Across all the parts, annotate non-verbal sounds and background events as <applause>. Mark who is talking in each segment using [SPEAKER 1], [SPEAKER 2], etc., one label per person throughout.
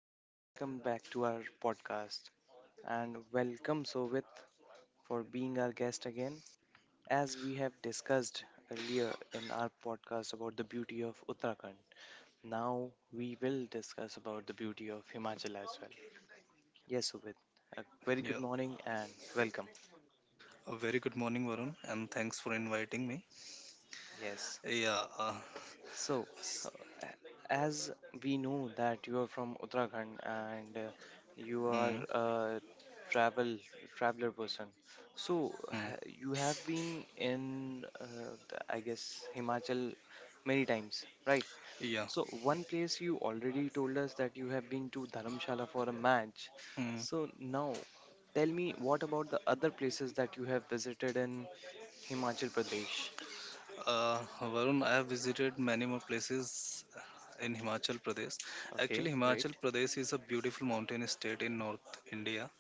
[SPEAKER 1] and welcome back to our podcast. And welcome, Sovit, for being our guest again. As we have discussed earlier in our podcast about the beauty of Uttarakhand, now we will discuss about the beauty of Himachal as well. Yes, Sovit, a very good
[SPEAKER 2] Yeah,
[SPEAKER 1] morning and welcome.
[SPEAKER 2] a very good morning, Varun, and thanks for inviting me.
[SPEAKER 1] Yes.
[SPEAKER 2] Yeah, uh,
[SPEAKER 1] So, uh, a- as we know that you are from Uttarakhand and you are
[SPEAKER 2] mm,
[SPEAKER 1] a travel traveler person, so
[SPEAKER 2] mm,
[SPEAKER 1] ha
[SPEAKER 2] mm,
[SPEAKER 1] you have been in, the, I guess, Himachal many times, right?
[SPEAKER 2] yeah.
[SPEAKER 1] So, one place you already told us that you have been to Dharamshala for a match.
[SPEAKER 2] Mm.
[SPEAKER 1] So now, tell me what about the other places that you have visited in Himachal Pradesh?
[SPEAKER 2] Varun, I have visited many more places in Himachal Pradesh.
[SPEAKER 1] Okay,
[SPEAKER 2] Actually, Himachal
[SPEAKER 1] great.
[SPEAKER 2] Pradesh is a beautiful mountain state in North India,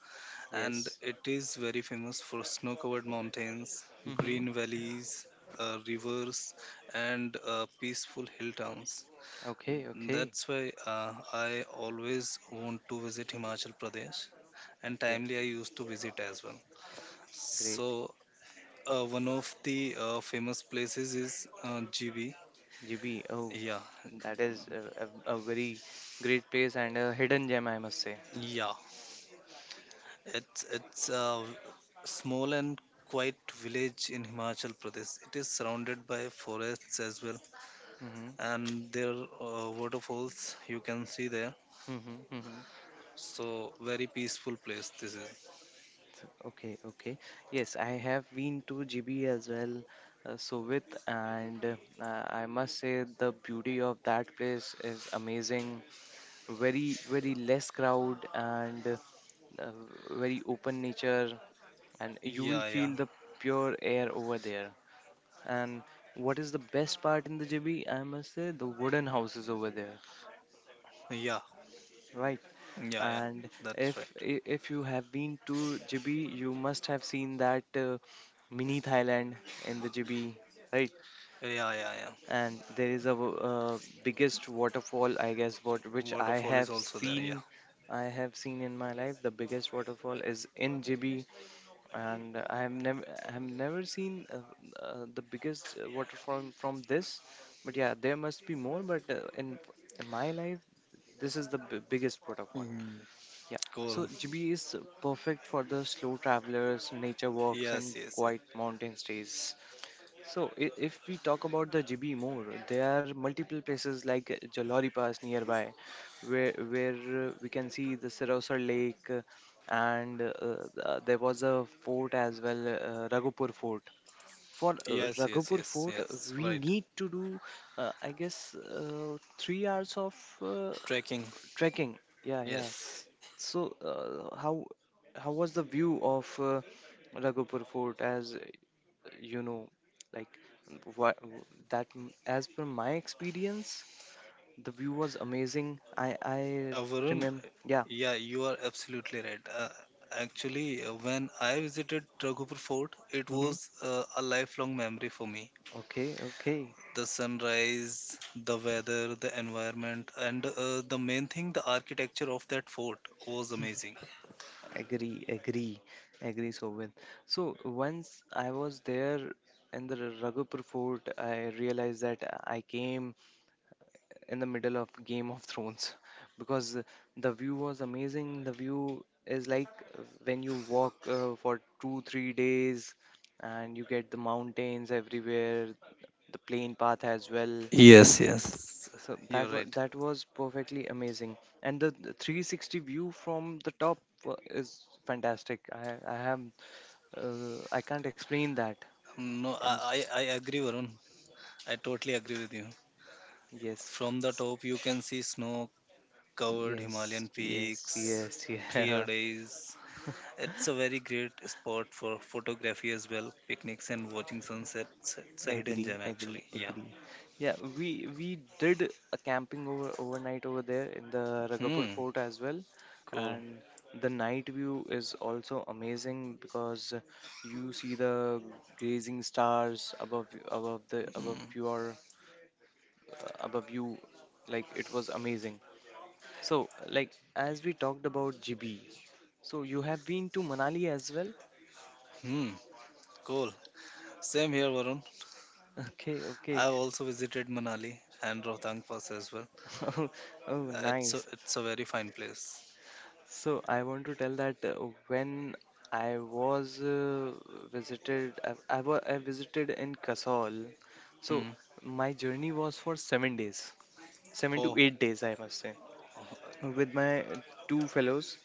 [SPEAKER 2] and
[SPEAKER 1] Yes.
[SPEAKER 2] it is very famous for snow-covered mountains,
[SPEAKER 1] Mm-hmm.
[SPEAKER 2] green valleys, rivers, and peaceful hill towns.
[SPEAKER 1] Okay, okay,
[SPEAKER 2] That's why I always want to visit Himachal Pradesh, and
[SPEAKER 1] okay.
[SPEAKER 2] timely I used to visit as well.
[SPEAKER 1] Great.
[SPEAKER 2] So one of the famous places is GB.
[SPEAKER 1] GB. Oh,
[SPEAKER 2] Yeah,
[SPEAKER 1] that is a, a very great place and a hidden gem, I must say.
[SPEAKER 2] yeah. It's a small and quiet village in Himachal Pradesh. It is surrounded by forests as well,
[SPEAKER 1] Mm-hmm.
[SPEAKER 2] and there are waterfalls you can see there.
[SPEAKER 1] Mm-hmm. Mm-hmm.
[SPEAKER 2] So very peaceful place this is.
[SPEAKER 1] So, okay, okay. Yes, I have been to GB as well, Sovit, and I must say the beauty of that place is amazing. Very, very less crowd and uh, very open nature, and you will
[SPEAKER 2] Yeah, yeah,
[SPEAKER 1] feel the pure air over there. And what is the best part in the JB? I must say the wooden houses over there,
[SPEAKER 2] yeah.
[SPEAKER 1] right?
[SPEAKER 2] Yeah, yeah,
[SPEAKER 1] And
[SPEAKER 2] that's
[SPEAKER 1] if
[SPEAKER 2] right.
[SPEAKER 1] i- if you have been to JB, you must have seen that mini Thailand in the JB, right?
[SPEAKER 2] Yeah, yeah, yeah.
[SPEAKER 1] And there is a biggest waterfall, I guess, what which
[SPEAKER 2] Waterfall is also there. Yeah.
[SPEAKER 1] I have seen in my life. The biggest waterfall is in JB, and I have never seen the biggest waterfall from this, but yeah, there must be more. But in my life, this is the biggest waterfall.
[SPEAKER 2] Mm,
[SPEAKER 1] Yeah,
[SPEAKER 2] cool.
[SPEAKER 1] so GB is perfect for the slow travelers, nature walks,
[SPEAKER 2] Yes,
[SPEAKER 1] and
[SPEAKER 2] yes, yes.
[SPEAKER 1] quiet mountain stays. So, if we talk about the GB more, there are multiple places like Jalori Pass nearby, where we can see the Sarausar Lake, and there was a fort as well, Raghupur Fort. For
[SPEAKER 2] Yes, yes,
[SPEAKER 1] Raghupur
[SPEAKER 2] yes,
[SPEAKER 1] Fort,
[SPEAKER 2] yes.
[SPEAKER 1] we
[SPEAKER 2] Right.
[SPEAKER 1] need to do, I guess, three hours of uh,
[SPEAKER 2] Trekking.
[SPEAKER 1] trekking. Yeah, yeah.
[SPEAKER 2] Yes.
[SPEAKER 1] So, how was the view of Raghupur Fort? As you know, like what as per my experience the view was amazing. I
[SPEAKER 2] Varun,
[SPEAKER 1] remember, yeah.
[SPEAKER 2] yeah, you are absolutely right. When I visited Raghupur Fort, it
[SPEAKER 1] Hmm,
[SPEAKER 2] was a lifelong memory for me.
[SPEAKER 1] okay, okay.
[SPEAKER 2] The sunrise, the weather, the environment, and the main thing, the architecture of that fort was amazing.
[SPEAKER 1] Agree, agree, agree, Sovin. So once I was there in the Raghupur Fort, I realized that I came in the middle of Game of Thrones <laughs> because the view was amazing. The view is like when you walk for two, three days and you get the mountains everywhere, the plain path as well.
[SPEAKER 2] Yes, yes.
[SPEAKER 1] So
[SPEAKER 2] You're
[SPEAKER 1] that wa-
[SPEAKER 2] right.
[SPEAKER 1] that was perfectly amazing. And the 360 view from the top is fantastic. I have I can't explain that.
[SPEAKER 2] No,
[SPEAKER 1] And
[SPEAKER 2] I,
[SPEAKER 1] s-
[SPEAKER 2] I I agree, Varun. I totally agree with you.
[SPEAKER 1] yes,
[SPEAKER 2] From the
[SPEAKER 1] s-
[SPEAKER 2] top, you can see snow covered Himalayan
[SPEAKER 1] Yes, yes,
[SPEAKER 2] peaks,
[SPEAKER 1] yes, <laughs>
[SPEAKER 2] clear
[SPEAKER 1] yeah.
[SPEAKER 2] days. It's a very great spot for photography as well, picnics and watching sunsets. It's a hidden
[SPEAKER 1] Agree,
[SPEAKER 2] gem, actually.
[SPEAKER 1] agree,
[SPEAKER 2] Yeah.
[SPEAKER 1] agree. Yeah, we did a camping overnight over there in the Ragapur
[SPEAKER 2] Hmm.
[SPEAKER 1] Fort as well,
[SPEAKER 2] Cool.
[SPEAKER 1] and the night view is also amazing because you see the grazing stars above above the above
[SPEAKER 2] Hmm.
[SPEAKER 1] your above you, like it was amazing. So like as we talked about GB, so you have been to Manali as well?
[SPEAKER 2] Hmm. Cool. Same here, Varun.
[SPEAKER 1] Okay, okay.
[SPEAKER 2] I've also visited Manali and Rohtang Pass as well.
[SPEAKER 1] <laughs> Oh,
[SPEAKER 2] It's
[SPEAKER 1] nice.
[SPEAKER 2] a very fine place.
[SPEAKER 1] So I want to tell that when I was visited, I, wa- I visited in Kasol. So
[SPEAKER 2] Hmm.
[SPEAKER 1] my journey was for seven days, seven to
[SPEAKER 2] Oh,
[SPEAKER 1] eight days, I must say, with my two fellows.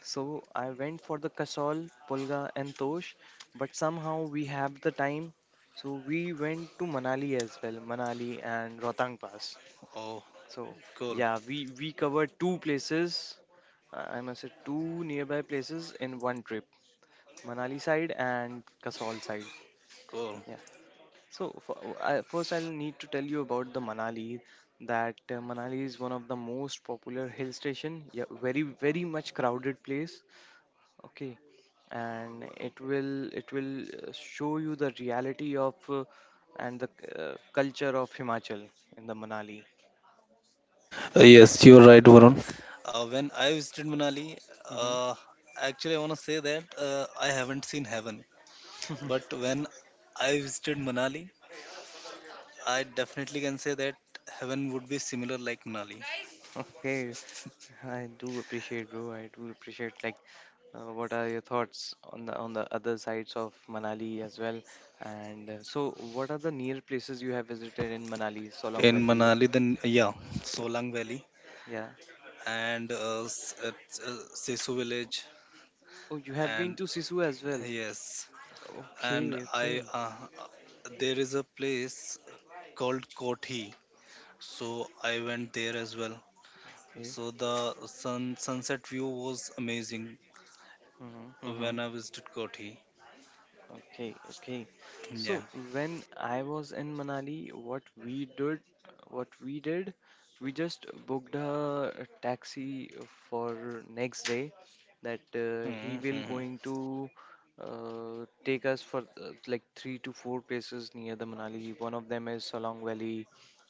[SPEAKER 1] So I went for the Kasol, Pulga, and Tosh, but somehow we have the time. So we went to Manali as well, Manali and Rohtang Pass.
[SPEAKER 2] oh,
[SPEAKER 1] So
[SPEAKER 2] cool,
[SPEAKER 1] yeah, we covered two places. Uh, I must say two nearby places in one trip, Manali side and Kasol side.
[SPEAKER 2] cool.
[SPEAKER 1] Yeah. So first, I'll need to tell you about the Manali. That Manali is one of the most popular hill station. Yeah, very very much crowded place. Okay, and it will show you the reality of and the culture of Himachal in the Manali.
[SPEAKER 2] Yes, you're right, Varun. When I visited Manali,
[SPEAKER 1] Hmm.
[SPEAKER 2] uh, actually, I want to say that I haven't seen heaven. But when I visited Manali, I definitely can say that heaven would be similar like Manali.
[SPEAKER 1] <laughs> Okay, I do appreciate, bro. I do appreciate. Like, what are your thoughts on the other sides of Manali as well? And so, what are the near places you have visited in Manali, Solong
[SPEAKER 2] In
[SPEAKER 1] Valley?
[SPEAKER 2] Manali, then, yeah, Solang Valley
[SPEAKER 1] Yeah.
[SPEAKER 2] and Sesu village.
[SPEAKER 1] Oh, you have been
[SPEAKER 2] And
[SPEAKER 1] to Sisu as well.
[SPEAKER 2] yes, and
[SPEAKER 1] Okay, okay,
[SPEAKER 2] there is a place called Kothi. So I went there as well.
[SPEAKER 1] okay.
[SPEAKER 2] So the sun sunset view was amazing
[SPEAKER 1] Mm-hmm, mm-hmm.
[SPEAKER 2] when I visited Kothi.
[SPEAKER 1] Okay, okay.
[SPEAKER 2] Yeah.
[SPEAKER 1] So when I was in Manali, what we did, we just booked a taxi for next day that
[SPEAKER 2] Hmm, hmm.
[SPEAKER 1] he will
[SPEAKER 2] hmm.
[SPEAKER 1] going to take us for like three to four places near the Manali. One of them is Solong Valley,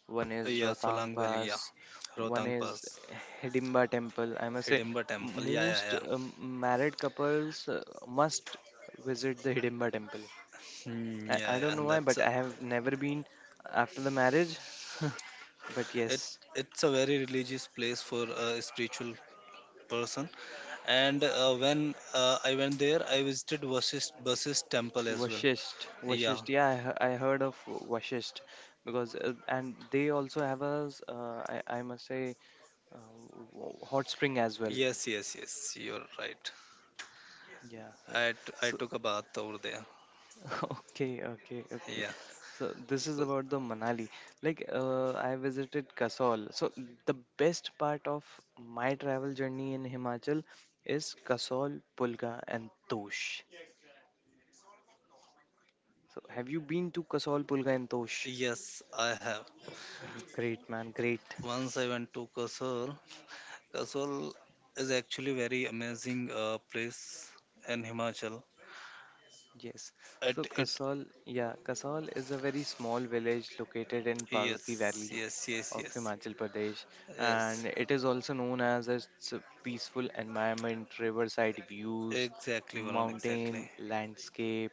[SPEAKER 1] one is
[SPEAKER 2] Yeah,
[SPEAKER 1] Rohtang
[SPEAKER 2] Solang Valley, yeah.
[SPEAKER 1] Pass, one
[SPEAKER 2] Rohtang
[SPEAKER 1] is
[SPEAKER 2] Pass,
[SPEAKER 1] Hidimba Temple. I must say,
[SPEAKER 2] Hidimba Temple. Yeah, yeah,
[SPEAKER 1] most
[SPEAKER 2] yeah.
[SPEAKER 1] married couples must visit the Hidimba temple.
[SPEAKER 2] Hmm, yeah,
[SPEAKER 1] I don't
[SPEAKER 2] yeah.
[SPEAKER 1] know why,
[SPEAKER 2] That's
[SPEAKER 1] but
[SPEAKER 2] a,
[SPEAKER 1] I have never been after the marriage. <laughs> But
[SPEAKER 2] it.
[SPEAKER 1] yes,
[SPEAKER 2] It's a very religious place for a spiritual person. And when I went there, I visited Vashist Temple as well.
[SPEAKER 1] Vashisht,
[SPEAKER 2] Yeah.
[SPEAKER 1] Vashisht. I heard of Vashisht because and they also have a I must say uh, hot spring as well.
[SPEAKER 2] Yes, yes, yes. You're right.
[SPEAKER 1] Yeah, yeah. So
[SPEAKER 2] I took a bath over there.
[SPEAKER 1] <laughs> okay, okay, okay.
[SPEAKER 2] Yeah.
[SPEAKER 1] So this is about the Manali. Like I visited Kasol. So the best part of my travel journey in Himachal is Kasol, Pulga, and Tosh. So have you been to Kasol, Pulga, and Tosh?
[SPEAKER 2] Yes, I have.
[SPEAKER 1] Mhm. Great, man, great.
[SPEAKER 2] Once I went to Kasol. Kasol is actually very amazing place in Himachal.
[SPEAKER 1] Yes. So
[SPEAKER 2] It
[SPEAKER 1] Kasol, yeah, Kasol is a very small village located in
[SPEAKER 2] yes,
[SPEAKER 1] Parvati Valley
[SPEAKER 2] yes, yes,
[SPEAKER 1] of
[SPEAKER 2] yes,
[SPEAKER 1] Himachal Pradesh,
[SPEAKER 2] yes,
[SPEAKER 1] and it is also known as its peaceful environment, riverside views,
[SPEAKER 2] exactly, Varun, exactly,
[SPEAKER 1] mountain landscape.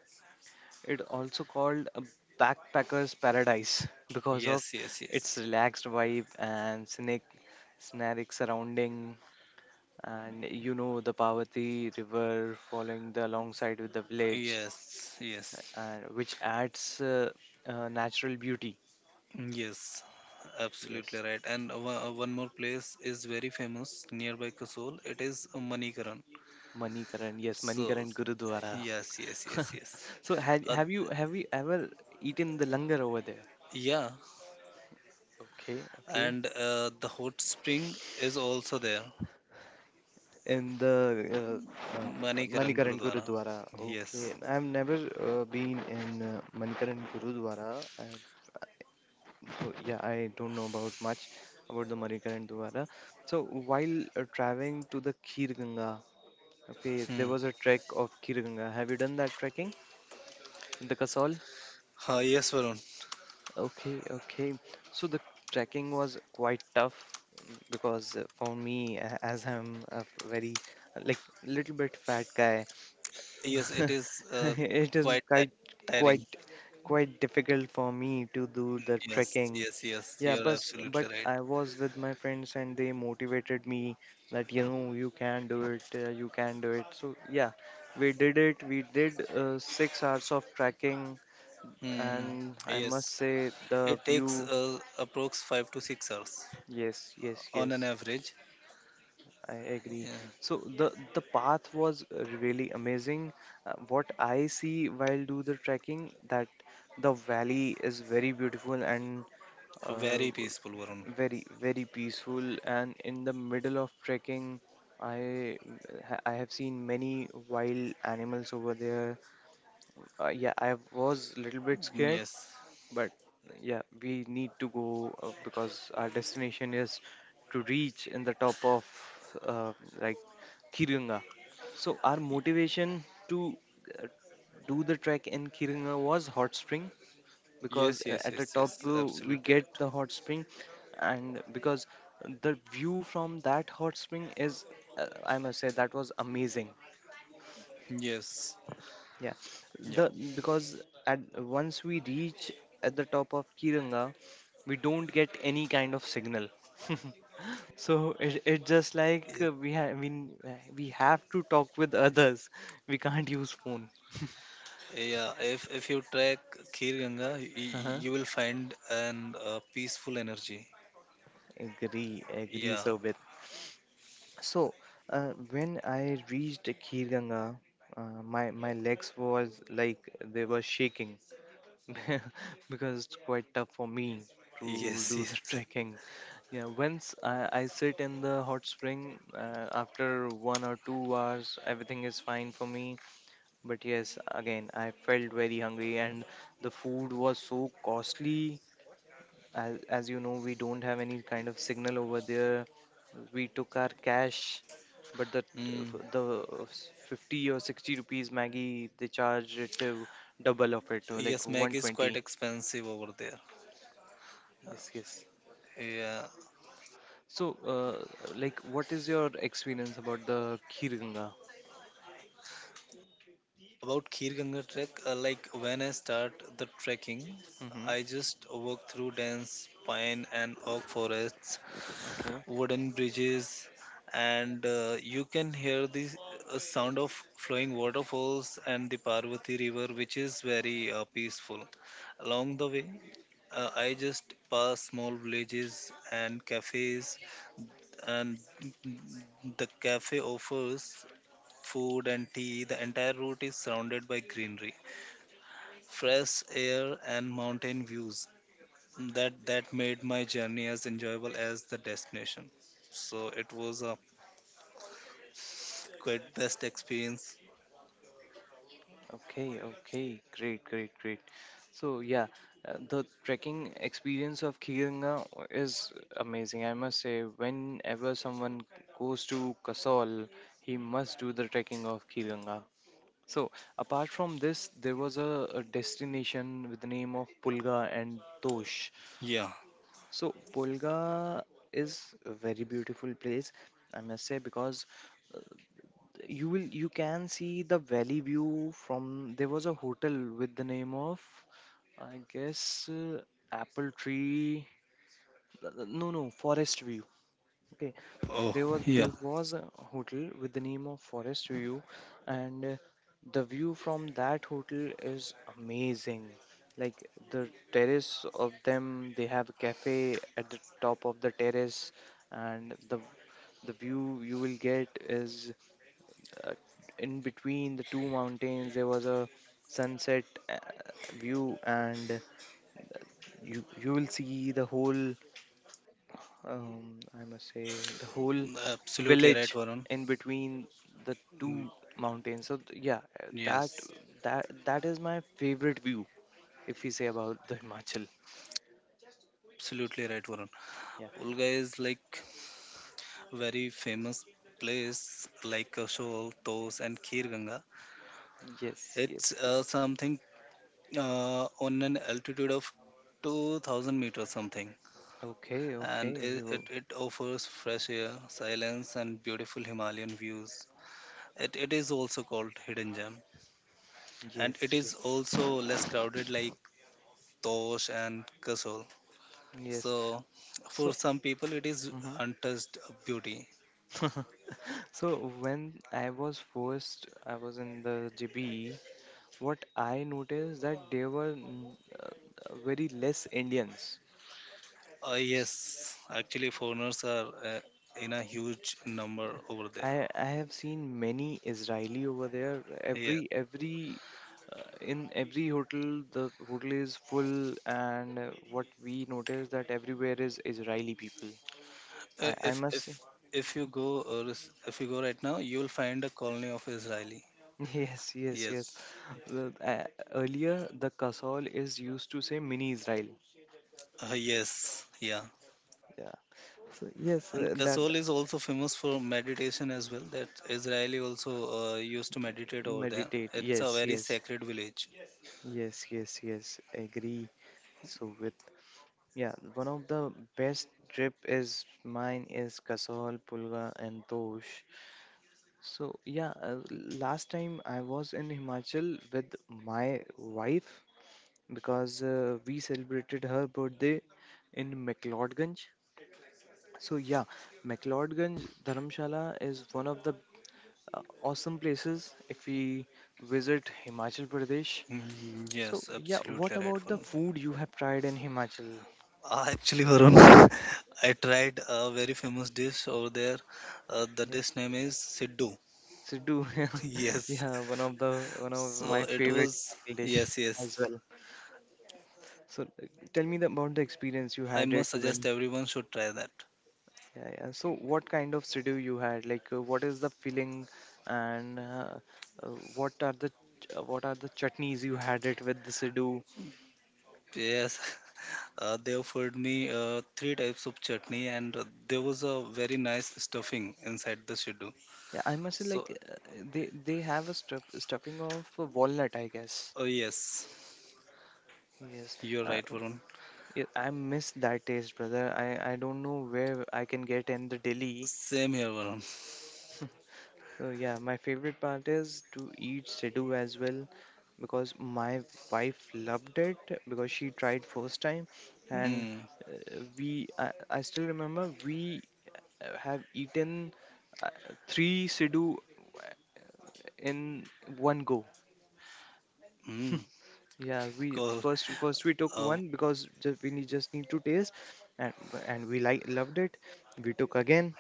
[SPEAKER 1] It also called a backpacker's paradise <laughs> because of
[SPEAKER 2] yes, yes,
[SPEAKER 1] its
[SPEAKER 2] yes,
[SPEAKER 1] relaxed vibe and scenic surrounding. And you know the Parvati River following the alongside with the village
[SPEAKER 2] yes, yes,
[SPEAKER 1] and which adds natural beauty.
[SPEAKER 2] yes, absolutely
[SPEAKER 1] Yes,
[SPEAKER 2] right, and one more place is very famous nearby Kasol. It is Manikaran.
[SPEAKER 1] Manikaran. Yes,
[SPEAKER 2] So
[SPEAKER 1] Manikaran Gurudwara.
[SPEAKER 2] yes, yes,
[SPEAKER 1] <laughs>
[SPEAKER 2] yes, yes.
[SPEAKER 1] So had
[SPEAKER 2] Uh,
[SPEAKER 1] have you ever eaten the langar over there?
[SPEAKER 2] yeah,
[SPEAKER 1] Okay, okay.
[SPEAKER 2] and the hot spring is also there.
[SPEAKER 1] In the uh, uh,
[SPEAKER 2] Manikaran
[SPEAKER 1] Manikaran
[SPEAKER 2] Gurudwara.
[SPEAKER 1] Gurudwara.
[SPEAKER 2] Yes.
[SPEAKER 1] Okay, I've never been in Manikaran Gurudwara. So yeah, I don't know about much about the Manikaran Gurudwara. So while traveling to the Khir Ganga. Okay,
[SPEAKER 2] Hmm.
[SPEAKER 1] there was a trek of Kiranga. Have you done that trekking in the Kasol?
[SPEAKER 2] Yes, Varun.
[SPEAKER 1] Okay, okay. So the trekking was quite tough, because for me, as I'm a very uh, like little bit fat guy,
[SPEAKER 2] Yes,
[SPEAKER 1] <laughs>
[SPEAKER 2] it is
[SPEAKER 1] it is
[SPEAKER 2] quite tiring.
[SPEAKER 1] quite quite difficult for me to do the
[SPEAKER 2] Yes,
[SPEAKER 1] trekking.
[SPEAKER 2] yes, yes.
[SPEAKER 1] Yeah,
[SPEAKER 2] You're
[SPEAKER 1] but
[SPEAKER 2] absolutely right.
[SPEAKER 1] I was with my friends and they motivated me that you know you can do it, you can do it. So yeah, we did it. We did six hours of trekking,
[SPEAKER 2] Hmm.
[SPEAKER 1] and I
[SPEAKER 2] Yes,
[SPEAKER 1] must say
[SPEAKER 2] it
[SPEAKER 1] the
[SPEAKER 2] takes
[SPEAKER 1] view.
[SPEAKER 2] approx 5 to 6 hours
[SPEAKER 1] Yes, yes,
[SPEAKER 2] on an
[SPEAKER 1] yes.
[SPEAKER 2] average.
[SPEAKER 1] I agree.
[SPEAKER 2] Yeah.
[SPEAKER 1] So the path was really amazing. What I see while do the trekking, that the valley is very beautiful and uh,
[SPEAKER 2] Very peaceful, Varun.
[SPEAKER 1] very very peaceful, and in the middle of trekking i I have seen many wild animals over there. Yeah, I was a little bit
[SPEAKER 2] Mm,
[SPEAKER 1] scared,
[SPEAKER 2] yes,
[SPEAKER 1] but yeah, we need to go, because our destination is to reach in the top of uh, like Kirunga. So our motivation to uh, do the trek in Kirunga was hot spring, because
[SPEAKER 2] yes, yes,
[SPEAKER 1] at the
[SPEAKER 2] yes, yes.
[SPEAKER 1] top we
[SPEAKER 2] Absolutely right.
[SPEAKER 1] get the hot spring, and because the view from that hot spring is I must say that was amazing.
[SPEAKER 2] Yes.
[SPEAKER 1] Yeah,
[SPEAKER 2] Yeah.
[SPEAKER 1] the because at once we reach at the top of Kiranga we don't get any kind of signal. <laughs> So it just like
[SPEAKER 2] Yes.
[SPEAKER 1] we have to talk with others, we can't use phone. <laughs>
[SPEAKER 2] Yeah, if you trek Khir Ganga,
[SPEAKER 1] Uh-huh.
[SPEAKER 2] you will find an peaceful energy.
[SPEAKER 1] Agree, agree.
[SPEAKER 2] Yeah.
[SPEAKER 1] So, So, when I reached Khir Ganga, uh, my my legs was like they were shaking, <laughs> because it's quite tough for me to
[SPEAKER 2] Yes,
[SPEAKER 1] do
[SPEAKER 2] yes.
[SPEAKER 1] the <laughs>
[SPEAKER 2] <laughs>
[SPEAKER 1] trekking. Yeah, once I sit in the hot spring, after one or two hours, everything is fine for me. But yes, again, I felt very hungry and the food was so costly, as you know we don't have any kind of signal over there. We took our cash, but
[SPEAKER 2] Mm.
[SPEAKER 1] the 50 or 60 rupees maggie they charge it to double of it, like
[SPEAKER 2] Yes, Meg is
[SPEAKER 1] 120.
[SPEAKER 2] quite expensive over there.
[SPEAKER 1] Yes, yes.
[SPEAKER 2] Yeah.
[SPEAKER 1] So like what is your experience about the Khirganga?
[SPEAKER 2] About Khir Ganga trek, like when I start the trekking,
[SPEAKER 1] Mm-hmm.
[SPEAKER 2] I just walk through dense pine and oak forests
[SPEAKER 1] Okay.
[SPEAKER 2] wooden bridges, and you can hear the sound of flowing waterfalls and the Parvati River, which is very peaceful. Along the way, I just pass small villages and cafes, and the cafe offers food and tea. The entire route is surrounded by greenery, fresh air, and mountain views. That made my journey as enjoyable as the destination. So it was a quite best experience.
[SPEAKER 1] Okay, okay, great, great, great. So yeah, the trekking experience of Kiranga is amazing. I must say, whenever someone goes to Kasol, he must do the trekking of Kiranga. So apart from this, there was a destination with the name of Pulga and Tosh.
[SPEAKER 2] Yeah.
[SPEAKER 1] So Pulga is a very beautiful place, I must say, because you can see the valley view from there. Was a hotel with the name of, I guess, Apple Tree, no, Forest View. Okay,
[SPEAKER 2] Oh, yeah.
[SPEAKER 1] there was a hotel with the name of Forest View, and the view from that hotel is amazing. Like the terrace of them, they have a cafe at the top of the terrace, and the view you will get is uh, in between the two mountains there was a sunset uh, view, and you will see the whole I must say the whole
[SPEAKER 2] Absolutely
[SPEAKER 1] village
[SPEAKER 2] right, Varun.
[SPEAKER 1] in between the two
[SPEAKER 2] Mm,
[SPEAKER 1] mountains. So that
[SPEAKER 2] yes,
[SPEAKER 1] that that is my favorite view if we say about the Himachal.
[SPEAKER 2] absolutely right, Varun.
[SPEAKER 1] Yeah,
[SPEAKER 2] Ulga is like very famous place like Kashol, Tos, and Khirganga.
[SPEAKER 1] yes,
[SPEAKER 2] It's
[SPEAKER 1] yes, yes.
[SPEAKER 2] something on an altitude of 2000 meters something,
[SPEAKER 1] Okay,
[SPEAKER 2] and
[SPEAKER 1] okay,
[SPEAKER 2] it, it,
[SPEAKER 1] you
[SPEAKER 2] it offers fresh air, silence, and beautiful Himalayan views. It is also called hidden gem, and it
[SPEAKER 1] yes,
[SPEAKER 2] is
[SPEAKER 1] yes,
[SPEAKER 2] also less crowded like Tosh and Kasol.
[SPEAKER 1] yes.
[SPEAKER 2] So, for
[SPEAKER 1] So
[SPEAKER 2] some people, it is
[SPEAKER 1] mhm.
[SPEAKER 2] untouched beauty.
[SPEAKER 1] <laughs> So when I was first, I was in the JB. What I noticed that there were very less Indians.
[SPEAKER 2] Yes, actually, foreigners are uh, in a huge number over there.
[SPEAKER 1] I have seen many Israeli over there.
[SPEAKER 2] Yeah.
[SPEAKER 1] Every in every hotel the hotel is full, and what we noticed that everywhere is Israeli people.
[SPEAKER 2] Uh,
[SPEAKER 1] I
[SPEAKER 2] if
[SPEAKER 1] must say,
[SPEAKER 2] if if you go, if you go right now, you will find a colony of Israeli.
[SPEAKER 1] <laughs> yes, yes, yes.
[SPEAKER 2] Yes.
[SPEAKER 1] The, uh, earlier, the Kasol is used to say mini Israel.
[SPEAKER 2] Yes. Yeah.
[SPEAKER 1] Yeah. So, yes,
[SPEAKER 2] And
[SPEAKER 1] that
[SPEAKER 2] Kasol is also famous for meditation as well. That Israeli also used to meditate over there.
[SPEAKER 1] meditate.
[SPEAKER 2] It's a
[SPEAKER 1] Yes,
[SPEAKER 2] very
[SPEAKER 1] yes,
[SPEAKER 2] sacred village.
[SPEAKER 1] yes, yes, yes. Agree. So with yeah, one of the best trip is mine is Kasol, Pulga, and Tosh. So yeah, last time I was in Himachal with my wife because we celebrated her birthday in McLeodganj. So yeah, McLeodganj Dharamshala is one of the awesome places if we visit Himachal Pradesh.
[SPEAKER 2] Mm,
[SPEAKER 1] So,
[SPEAKER 2] yes,
[SPEAKER 1] yeah, what
[SPEAKER 2] absolutely right,
[SPEAKER 1] about
[SPEAKER 2] for
[SPEAKER 1] the food you have tried in Himachal?
[SPEAKER 2] Actually, Varun, <laughs> I tried a very famous dish over there. The
[SPEAKER 1] Yeah,
[SPEAKER 2] dish name is Siddu. <laughs>
[SPEAKER 1] Siddu. <laughs>
[SPEAKER 2] Yes.
[SPEAKER 1] Yeah, one of
[SPEAKER 2] So
[SPEAKER 1] my
[SPEAKER 2] it
[SPEAKER 1] favorite
[SPEAKER 2] was,
[SPEAKER 1] Himachal dish
[SPEAKER 2] yes, yes.
[SPEAKER 1] as well. So, tell me the, about the experience you
[SPEAKER 2] I
[SPEAKER 1] had it
[SPEAKER 2] must suggest
[SPEAKER 1] when.
[SPEAKER 2] everyone should try that.
[SPEAKER 1] Yeah, yeah. So, what kind of Siddu you had? Like, what is the filling, and uh, what are the what are the chutneys you had it with the Siddu?
[SPEAKER 2] Yes, <laughs> they offered me three types of chutney, and there was a very nice stuffing inside the Siddu.
[SPEAKER 1] Yeah, I must say,
[SPEAKER 2] So,
[SPEAKER 1] like, they have a stuffing of walnut, I guess.
[SPEAKER 2] oh, yes,
[SPEAKER 1] Yes.
[SPEAKER 2] you're
[SPEAKER 1] Uh,
[SPEAKER 2] right, Varun.
[SPEAKER 1] yeah, I miss that taste, brother. I don't know where I can get in the Delhi.
[SPEAKER 2] Same here, Varun.
[SPEAKER 1] So yeah, my favorite part is to eat Sidhu as well because my wife loved it because she tried first time and
[SPEAKER 2] Mm,
[SPEAKER 1] I still remember we have eaten uh, three Sidhu uh, in one go.
[SPEAKER 2] mm,
[SPEAKER 1] <laughs> Yeah, we
[SPEAKER 2] cool.
[SPEAKER 1] first first we took
[SPEAKER 2] Uh,
[SPEAKER 1] one because just, we need, just need to taste, and we like loved it. We took again,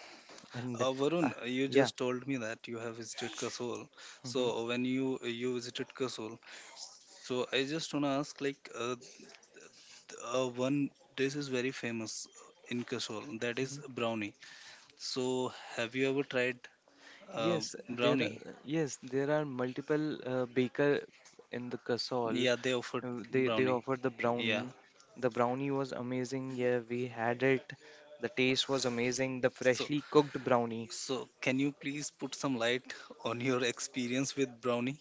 [SPEAKER 1] and
[SPEAKER 2] Varun,
[SPEAKER 1] uh,
[SPEAKER 2] you
[SPEAKER 1] yeah
[SPEAKER 2] just told me that you have visited Kasol.
[SPEAKER 1] hmm
[SPEAKER 2] So when you visited Kasol, so I just wanna ask like one dish is very famous in Kasol, that is
[SPEAKER 1] hmm.
[SPEAKER 2] brownie. So have you ever tried uh,
[SPEAKER 1] Yes,
[SPEAKER 2] brownie?
[SPEAKER 1] yes, there are multiple baker in the Kasol.
[SPEAKER 2] Yeah, they offered
[SPEAKER 1] They
[SPEAKER 2] brownie.
[SPEAKER 1] offer the
[SPEAKER 2] Yeah.
[SPEAKER 1] brownie. The brownie was amazing. Yeah, we had it. The taste was amazing. The
[SPEAKER 2] So
[SPEAKER 1] freshly cooked brownie.
[SPEAKER 2] so can you please put some light on your <laughs> experience with brownie?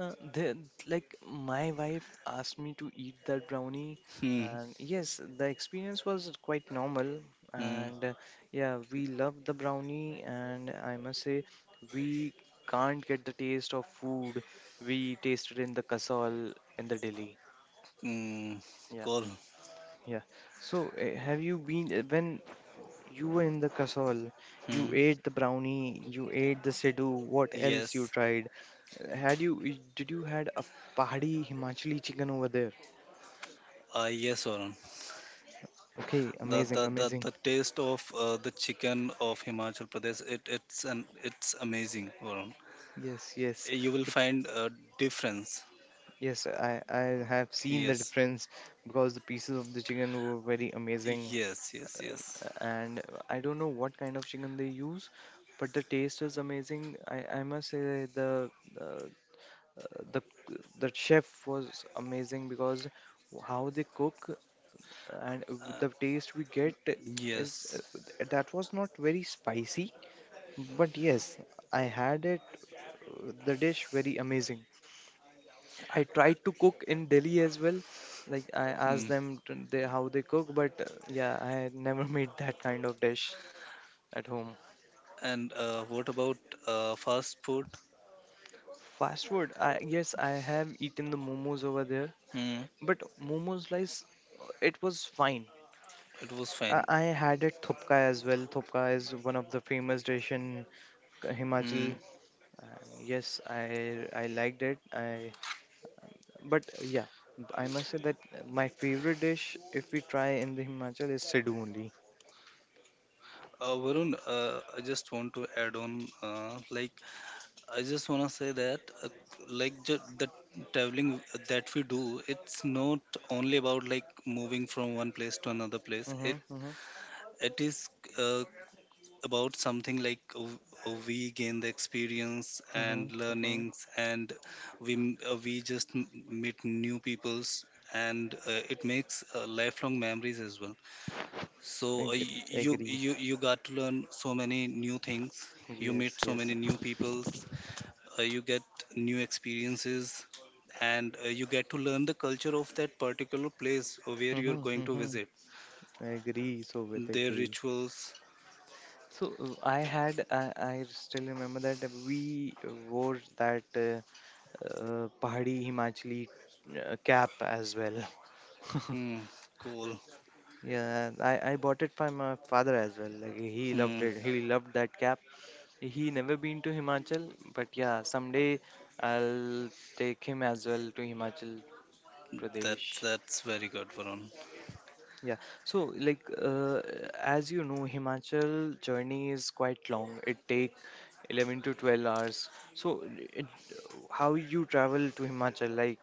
[SPEAKER 1] Uh, they, like my wife asked me to eat that brownie,
[SPEAKER 2] Hmm.
[SPEAKER 1] and yes the experience was quite normal,
[SPEAKER 2] Hmm.
[SPEAKER 1] and yeah we love the brownie, and I must say we can't get the taste of food we tasted in the Kasol in the Delhi.
[SPEAKER 2] Hmm.
[SPEAKER 1] Yeah,
[SPEAKER 2] Call.
[SPEAKER 1] yeah. So have you been when you were in the Kasol you
[SPEAKER 2] Hmm.
[SPEAKER 1] ate the brownie, you ate the Sidhu, what else you
[SPEAKER 2] Yes.
[SPEAKER 1] tried? Had you, did you had a Pahadi Himachali chicken over there?
[SPEAKER 2] Yes, Varun.
[SPEAKER 1] Okay,
[SPEAKER 2] The,
[SPEAKER 1] amazing, amazing.
[SPEAKER 2] the taste of the chicken of Himachal Pradesh, it's an it's amazing, Varun.
[SPEAKER 1] Yes, yes.
[SPEAKER 2] You will
[SPEAKER 1] The,
[SPEAKER 2] find a difference.
[SPEAKER 1] yes, I have seen the
[SPEAKER 2] Yes,
[SPEAKER 1] difference because the pieces of the chicken were very amazing,
[SPEAKER 2] yes, yes,
[SPEAKER 1] um,
[SPEAKER 2] yes,
[SPEAKER 1] and I don't know what kind of chicken they use, but the taste is amazing. I must say uh, the the chef was amazing because how they cook and the taste we get is
[SPEAKER 2] yes.
[SPEAKER 1] that was not very spicy. But yes, I had it, the dish very amazing. I tried to cook in Delhi as well. Like I
[SPEAKER 2] Hmm.
[SPEAKER 1] asked them to, they, how they cook, but yeah, I had never <laughs> made that kind of dish at home.
[SPEAKER 2] And what about fast food?
[SPEAKER 1] Fast food, I yes, I have eaten the momos over there,
[SPEAKER 2] Hmm.
[SPEAKER 1] but momos slice, it was fine.
[SPEAKER 2] It was
[SPEAKER 1] I,
[SPEAKER 2] fine.
[SPEAKER 1] I had it thupka as well. Thupka is one of the famous dish in
[SPEAKER 2] Hmm.
[SPEAKER 1] Himachal. And yes, I liked it. I but yeah, I must say that my favorite dish, if we try in the Himachal, is Sidhu only.
[SPEAKER 2] Varun, I just want to add on, like I just wanna say that, the traveling that we do, it's not only about like moving from one place to another place.
[SPEAKER 1] Mm-hmm,
[SPEAKER 2] It
[SPEAKER 1] mm-hmm,
[SPEAKER 2] it is uh, about something like we gain the experience
[SPEAKER 1] mm-hmm,
[SPEAKER 2] and
[SPEAKER 1] mm-hmm.
[SPEAKER 2] learnings, and we just meet new peoples, and it makes lifelong memories as well. So
[SPEAKER 1] Agree,
[SPEAKER 2] you
[SPEAKER 1] agree.
[SPEAKER 2] you you got to learn so many new things. You
[SPEAKER 1] Yes,
[SPEAKER 2] meet so
[SPEAKER 1] yes.
[SPEAKER 2] many new peoples, you get new experiences, and you get to learn the culture of that particular place where
[SPEAKER 1] Mm-hmm,
[SPEAKER 2] you're going to
[SPEAKER 1] mm-hmm.
[SPEAKER 2] visit
[SPEAKER 1] I agree. So with
[SPEAKER 2] their
[SPEAKER 1] agree.
[SPEAKER 2] rituals.
[SPEAKER 1] So I had, I still remember that we wore that Pahadi Himachali cap as well. <laughs>
[SPEAKER 2] Hmm, cool.
[SPEAKER 1] Yeah, I bought it from my father as well. Like he loved
[SPEAKER 2] Hmm,
[SPEAKER 1] it. He loved that cap. He never been to Himachal, but yeah, someday I'll take him as well to Himachal Pradesh.
[SPEAKER 2] that's very good, Varun.
[SPEAKER 1] Yeah. So like as you know, Himachal journey is quite long. It take 11 to 12 hours. So it, how you travel to Himachal like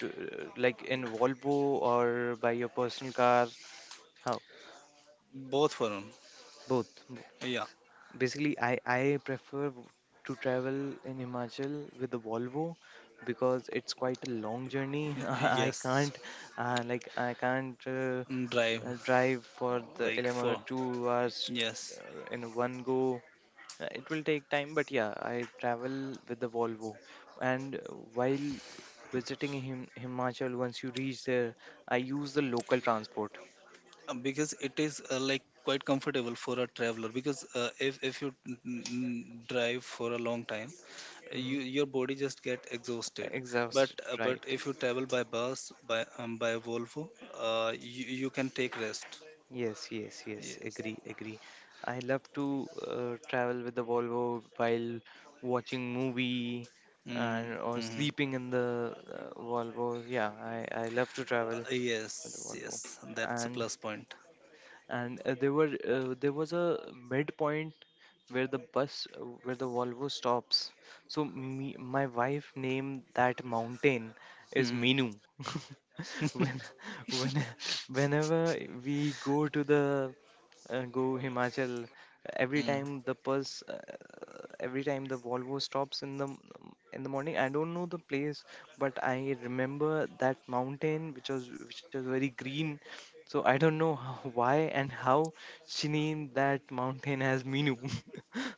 [SPEAKER 1] to, like in Volvo or by your personal car? How?
[SPEAKER 2] Both, Varun.
[SPEAKER 1] Both.
[SPEAKER 2] Yeah.
[SPEAKER 1] Basically, I prefer to travel in Himachal with the Volvo because it's quite a long journey. <laughs> I
[SPEAKER 2] Yes.
[SPEAKER 1] can't like I can't
[SPEAKER 2] Mm, drive,
[SPEAKER 1] drive for the
[SPEAKER 2] like
[SPEAKER 1] 11 or
[SPEAKER 2] for,
[SPEAKER 1] 2 hours uh,
[SPEAKER 2] yes.
[SPEAKER 1] in one go. It will take time, but yeah, I travel with the Volvo. And while visiting Himachal, once you reach there, I use the local transport.
[SPEAKER 2] Because it is like quite comfortable for a traveler, because if you drive for a long time,
[SPEAKER 1] Hmm.
[SPEAKER 2] you your body just get exhausted. But
[SPEAKER 1] Exhausted, right.
[SPEAKER 2] if you travel by bus, by Volvo, you, you can take rest.
[SPEAKER 1] Yes, yes, yes.
[SPEAKER 2] Yes.
[SPEAKER 1] Agree, agree. I love to travel with the Volvo while watching movie
[SPEAKER 2] mm,
[SPEAKER 1] and or
[SPEAKER 2] mm,
[SPEAKER 1] sleeping in the Volvo. Yeah, I love to travel
[SPEAKER 2] yes,
[SPEAKER 1] with the Volvo.
[SPEAKER 2] yes, that's a
[SPEAKER 1] And
[SPEAKER 2] plus point.
[SPEAKER 1] there were there was a midpoint where the bus where the Volvo stops. So me, my wife named that mountain is
[SPEAKER 2] mm,
[SPEAKER 1] Minu. <laughs> when when Whenever we go to the go Himachal. Every
[SPEAKER 2] mm.
[SPEAKER 1] time every time the Volvo stops in the in the morning, I don't know the place, but I remember that mountain which was very green. So I don't know <laughs> how, why and how she named that mountain as Minu. <laughs>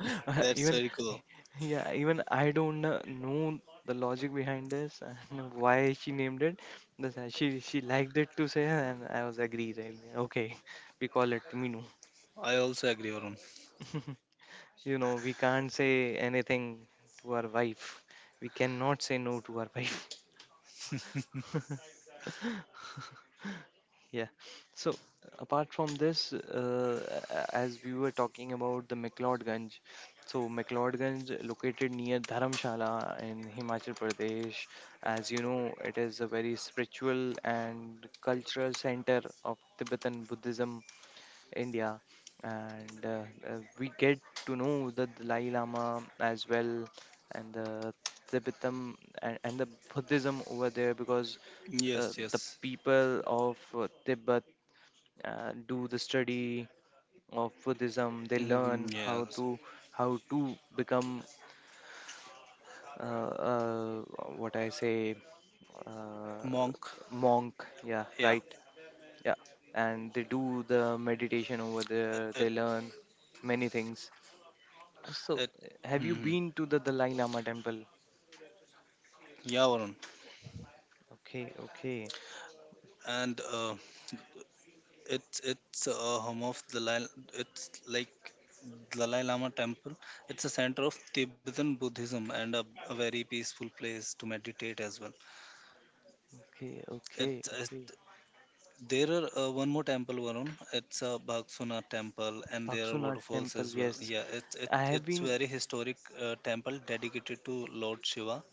[SPEAKER 2] That's
[SPEAKER 1] Even
[SPEAKER 2] very cool.
[SPEAKER 1] yeah, even I don't know the logic behind this and why she named it, that's why she liked it to say, "Huh," and I was agree, right? Okay, <laughs> we call it Minu.
[SPEAKER 2] I also agree, Varun.
[SPEAKER 1] <laughs> You know, we can't say anything to our wife. We cannot say no to our wife. <laughs> Yeah. So apart from this, as we were talking about the McLeodganj, so McLeodganj located near Dharamshala in Himachal Pradesh. As you know, it is a very spiritual and cultural center of Tibetan Buddhism India, and we get to know the Dalai Lama as well, and the Tibetan and, the Buddhism over there because
[SPEAKER 2] Yes,
[SPEAKER 1] the
[SPEAKER 2] yes.
[SPEAKER 1] people of Tibet do the study of Buddhism. They
[SPEAKER 2] Mm,
[SPEAKER 1] learn how
[SPEAKER 2] yes.
[SPEAKER 1] to become uh, uh, what I say uh,
[SPEAKER 2] Monk.
[SPEAKER 1] monk. Yeah,
[SPEAKER 2] Yeah.
[SPEAKER 1] right. Yeah, and they do the meditation over
[SPEAKER 2] it
[SPEAKER 1] there. They
[SPEAKER 2] it,
[SPEAKER 1] learn many things. So,
[SPEAKER 2] it
[SPEAKER 1] have you
[SPEAKER 2] Mm,
[SPEAKER 1] been to the Dalai Lama temple?
[SPEAKER 2] yeah, Varun.
[SPEAKER 1] Okay, okay,
[SPEAKER 2] And it's a home of the it's like Dalai Lama temple. It's a center of Tibetan Buddhism and a very peaceful place to meditate as well.
[SPEAKER 1] okay, okay,
[SPEAKER 2] It's, it
[SPEAKER 1] okay.
[SPEAKER 2] There are one more temple, Varun. It's a Bhagsuna temple and there are
[SPEAKER 1] Bhaksunath
[SPEAKER 2] waterfalls
[SPEAKER 1] temple,
[SPEAKER 2] as well.
[SPEAKER 1] yes.
[SPEAKER 2] Yeah,
[SPEAKER 1] I have
[SPEAKER 2] it's
[SPEAKER 1] been,
[SPEAKER 2] very historic temple dedicated to Lord Shiva.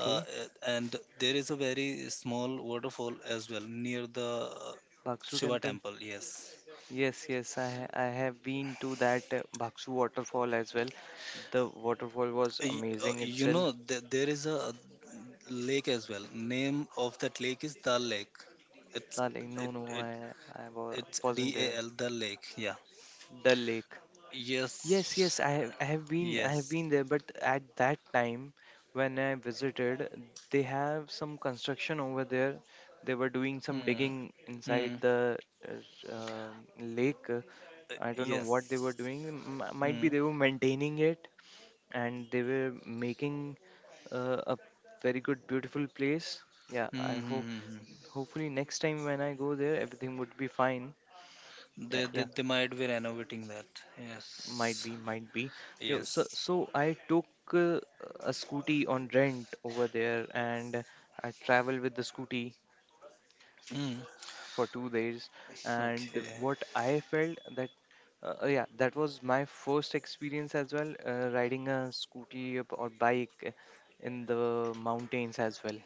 [SPEAKER 2] Uh, and there is a very small waterfall as well near the
[SPEAKER 1] Bhaksu
[SPEAKER 2] Shiva
[SPEAKER 1] temple.
[SPEAKER 2] temple. Yes.
[SPEAKER 1] Yes, yes, I have been to that Bhaksu waterfall as well. The waterfall was amazing
[SPEAKER 2] You
[SPEAKER 1] itself.
[SPEAKER 2] know, there is a lake as well. Name of that lake is Dal Lake. It's
[SPEAKER 1] Like, no,
[SPEAKER 2] it
[SPEAKER 1] no,
[SPEAKER 2] it
[SPEAKER 1] I
[SPEAKER 2] It's
[SPEAKER 1] wasn't
[SPEAKER 2] D A
[SPEAKER 1] there.
[SPEAKER 2] L Dal Lake. Yeah.
[SPEAKER 1] Dal Lake. Yes, yes,
[SPEAKER 2] Yes.
[SPEAKER 1] I have
[SPEAKER 2] Yes.
[SPEAKER 1] been there, but at that time when I visited, they have some construction over there. They were doing some
[SPEAKER 2] Mm.
[SPEAKER 1] digging inside
[SPEAKER 2] Mm.
[SPEAKER 1] the lake. Uh, I don't know what they were
[SPEAKER 2] Yes.
[SPEAKER 1] doing. M might be
[SPEAKER 2] Mm.
[SPEAKER 1] they were maintaining it and they were making a very good, beautiful place. Yeah, I hope
[SPEAKER 2] Mm-hmm.
[SPEAKER 1] hopefully next time when I go there, everything would be fine. Yeah,
[SPEAKER 2] They, they
[SPEAKER 1] yeah.
[SPEAKER 2] they might be renovating that.
[SPEAKER 1] Might
[SPEAKER 2] Yes.
[SPEAKER 1] be, might be. Yo so
[SPEAKER 2] Yes.
[SPEAKER 1] so I took uh, a scooty on rent over there, and I traveled with the scooty
[SPEAKER 2] Mm.
[SPEAKER 1] for 2 days, and
[SPEAKER 2] Okay.
[SPEAKER 1] what I felt that yeah that was my first experience as well riding a scooty up or bike in the mountains as well,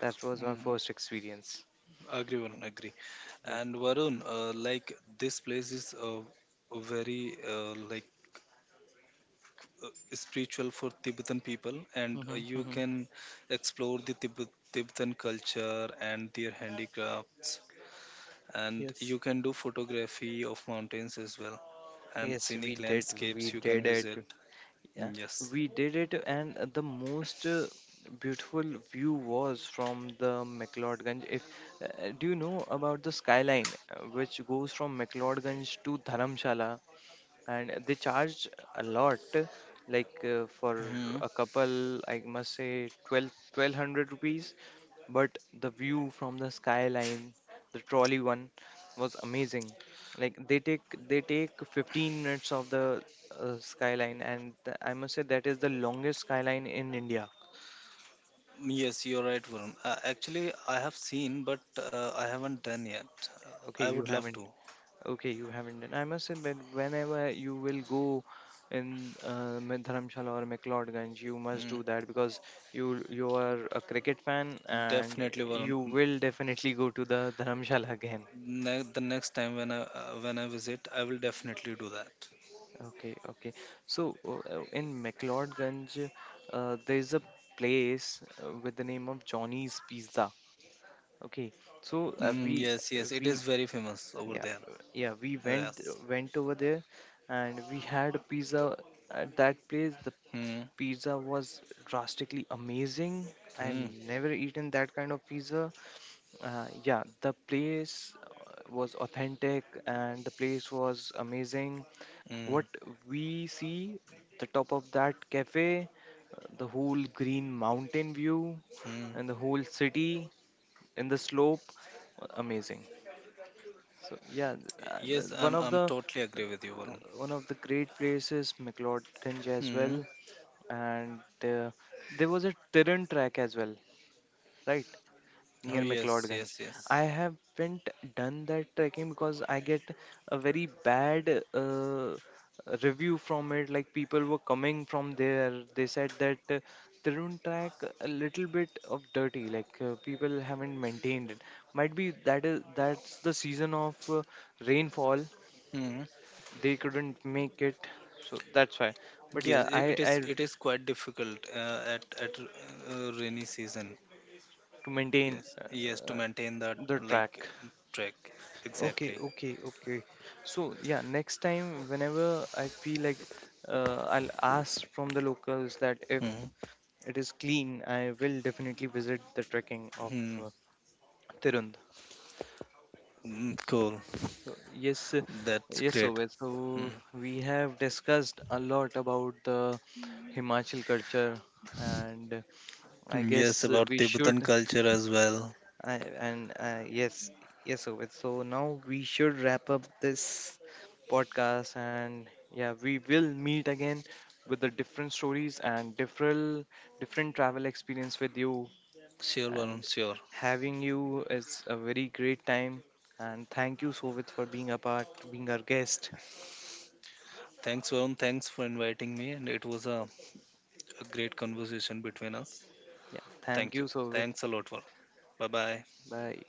[SPEAKER 1] that was my
[SPEAKER 2] Mm.
[SPEAKER 1] first experience.
[SPEAKER 2] Agree, Varun. Agree.
[SPEAKER 1] Yeah,
[SPEAKER 2] And Varun, like this place is very spiritual for Tibetan people, and
[SPEAKER 1] hmm,
[SPEAKER 2] you
[SPEAKER 1] hmm.
[SPEAKER 2] can explore the Tibet, Tibetan culture and their handicrafts. And
[SPEAKER 1] Yes,
[SPEAKER 2] you can do photography of mountains as well, and
[SPEAKER 1] yes,
[SPEAKER 2] scenic
[SPEAKER 1] we
[SPEAKER 2] landscapes you can
[SPEAKER 1] did
[SPEAKER 2] visit.
[SPEAKER 1] it. Yeah,
[SPEAKER 2] Mm, yes.
[SPEAKER 1] we did it, and the most beautiful view was from the McLeodganj. If do you know about the skyline, which goes from McLeodganj to Dharamshala? And they charge a lot, like for
[SPEAKER 2] Hmm.
[SPEAKER 1] a couple I must say 1200 rupees, but the view from the skyline, the trolley one, was amazing. Like they take 15 minutes of the skyline, and I must say that is the longest skyline in India.
[SPEAKER 2] Yes, you're right, Varun. Actually, I have seen, but I haven't done yet.
[SPEAKER 1] Okay,
[SPEAKER 2] I
[SPEAKER 1] you
[SPEAKER 2] would love
[SPEAKER 1] haven't.
[SPEAKER 2] to.
[SPEAKER 1] Okay, you haven't done. I must say that whenever you will go in my Dharamshala or McLeodganj, you must
[SPEAKER 2] Mm,
[SPEAKER 1] do that because you are a cricket fan, and
[SPEAKER 2] definitely, Varun.
[SPEAKER 1] you
[SPEAKER 2] Mm,
[SPEAKER 1] will definitely go to the Dharamshala again.
[SPEAKER 2] The next time when I visit, I will definitely do that.
[SPEAKER 1] Okay, okay. So in McLeodganj, there is a place with the name of Johnny's Pizza. Okay, so
[SPEAKER 2] Mm, yes, yes, it
[SPEAKER 1] we
[SPEAKER 2] is very famous over
[SPEAKER 1] yeah
[SPEAKER 2] there.
[SPEAKER 1] yeah we
[SPEAKER 2] Yes.
[SPEAKER 1] went over there and we had a pizza at that place. The
[SPEAKER 2] Hmm.
[SPEAKER 1] pizza was drastically amazing. I've
[SPEAKER 2] Hmm.
[SPEAKER 1] never eaten that kind of pizza. Yeah, the place was authentic and the place was amazing. What
[SPEAKER 2] Hmm.
[SPEAKER 1] we see, the top of that cafe, the whole green mountain view,
[SPEAKER 2] Hmm.
[SPEAKER 1] and the whole city in the slope, amazing. So yeah,
[SPEAKER 2] Yes,
[SPEAKER 1] one of
[SPEAKER 2] I'm
[SPEAKER 1] the
[SPEAKER 2] totally agree with you, Varun.
[SPEAKER 1] uh, one of the great places, McLeodganj as
[SPEAKER 2] Hmm.
[SPEAKER 1] well, and there was a terrain track as well right
[SPEAKER 2] Oh,
[SPEAKER 1] near
[SPEAKER 2] yes,
[SPEAKER 1] McLeodganj.
[SPEAKER 2] yes, yes.
[SPEAKER 1] I haven't done that trekking because I get a very bad review from it, like people were coming from there, they said that Tarun track a little bit of dirty, like people haven't maintained it. Might be that is that's the season of rainfall,
[SPEAKER 2] Hmm.
[SPEAKER 1] they couldn't make it, so that's why. But
[SPEAKER 2] Yes,
[SPEAKER 1] yeah
[SPEAKER 2] it is.
[SPEAKER 1] I
[SPEAKER 2] It is quite difficult at rainy season.
[SPEAKER 1] to maintain
[SPEAKER 2] Yes. Yes, to maintain that
[SPEAKER 1] the
[SPEAKER 2] like
[SPEAKER 1] track.
[SPEAKER 2] track,
[SPEAKER 1] Okay,
[SPEAKER 2] exactly.
[SPEAKER 1] okay, okay. So yeah, next time whenever I feel like I'll ask from the locals that if
[SPEAKER 2] Hmm.
[SPEAKER 1] it is clean, I will definitely visit the trekking of
[SPEAKER 2] Hmm.
[SPEAKER 1] uh, Tirund.
[SPEAKER 2] Mm, cool.
[SPEAKER 1] So yes,
[SPEAKER 2] That's
[SPEAKER 1] yes,
[SPEAKER 2] great.
[SPEAKER 1] Obed. So
[SPEAKER 2] Hmm.
[SPEAKER 1] we have discussed a lot about the Himachal culture, and I
[SPEAKER 2] Yes,
[SPEAKER 1] guess
[SPEAKER 2] about
[SPEAKER 1] we
[SPEAKER 2] Tibetan
[SPEAKER 1] should
[SPEAKER 2] culture as well.
[SPEAKER 1] I, and yes, yes, Obed. So now we should wrap up this podcast, and yeah, we will meet again with the different stories and different travel experience with you.
[SPEAKER 2] Sure,
[SPEAKER 1] And
[SPEAKER 2] Varun. Sure.
[SPEAKER 1] having you is a very great time. And thank you, Sovit, for being a part, being our guest.
[SPEAKER 2] Thanks, Varun. Thanks for inviting me, and it was a great conversation between us.
[SPEAKER 1] Yeah, thank
[SPEAKER 2] Thank
[SPEAKER 1] you,
[SPEAKER 2] you.
[SPEAKER 1] Sovit.
[SPEAKER 2] Thanks a lot, Varun. Bye bye.
[SPEAKER 1] Bye.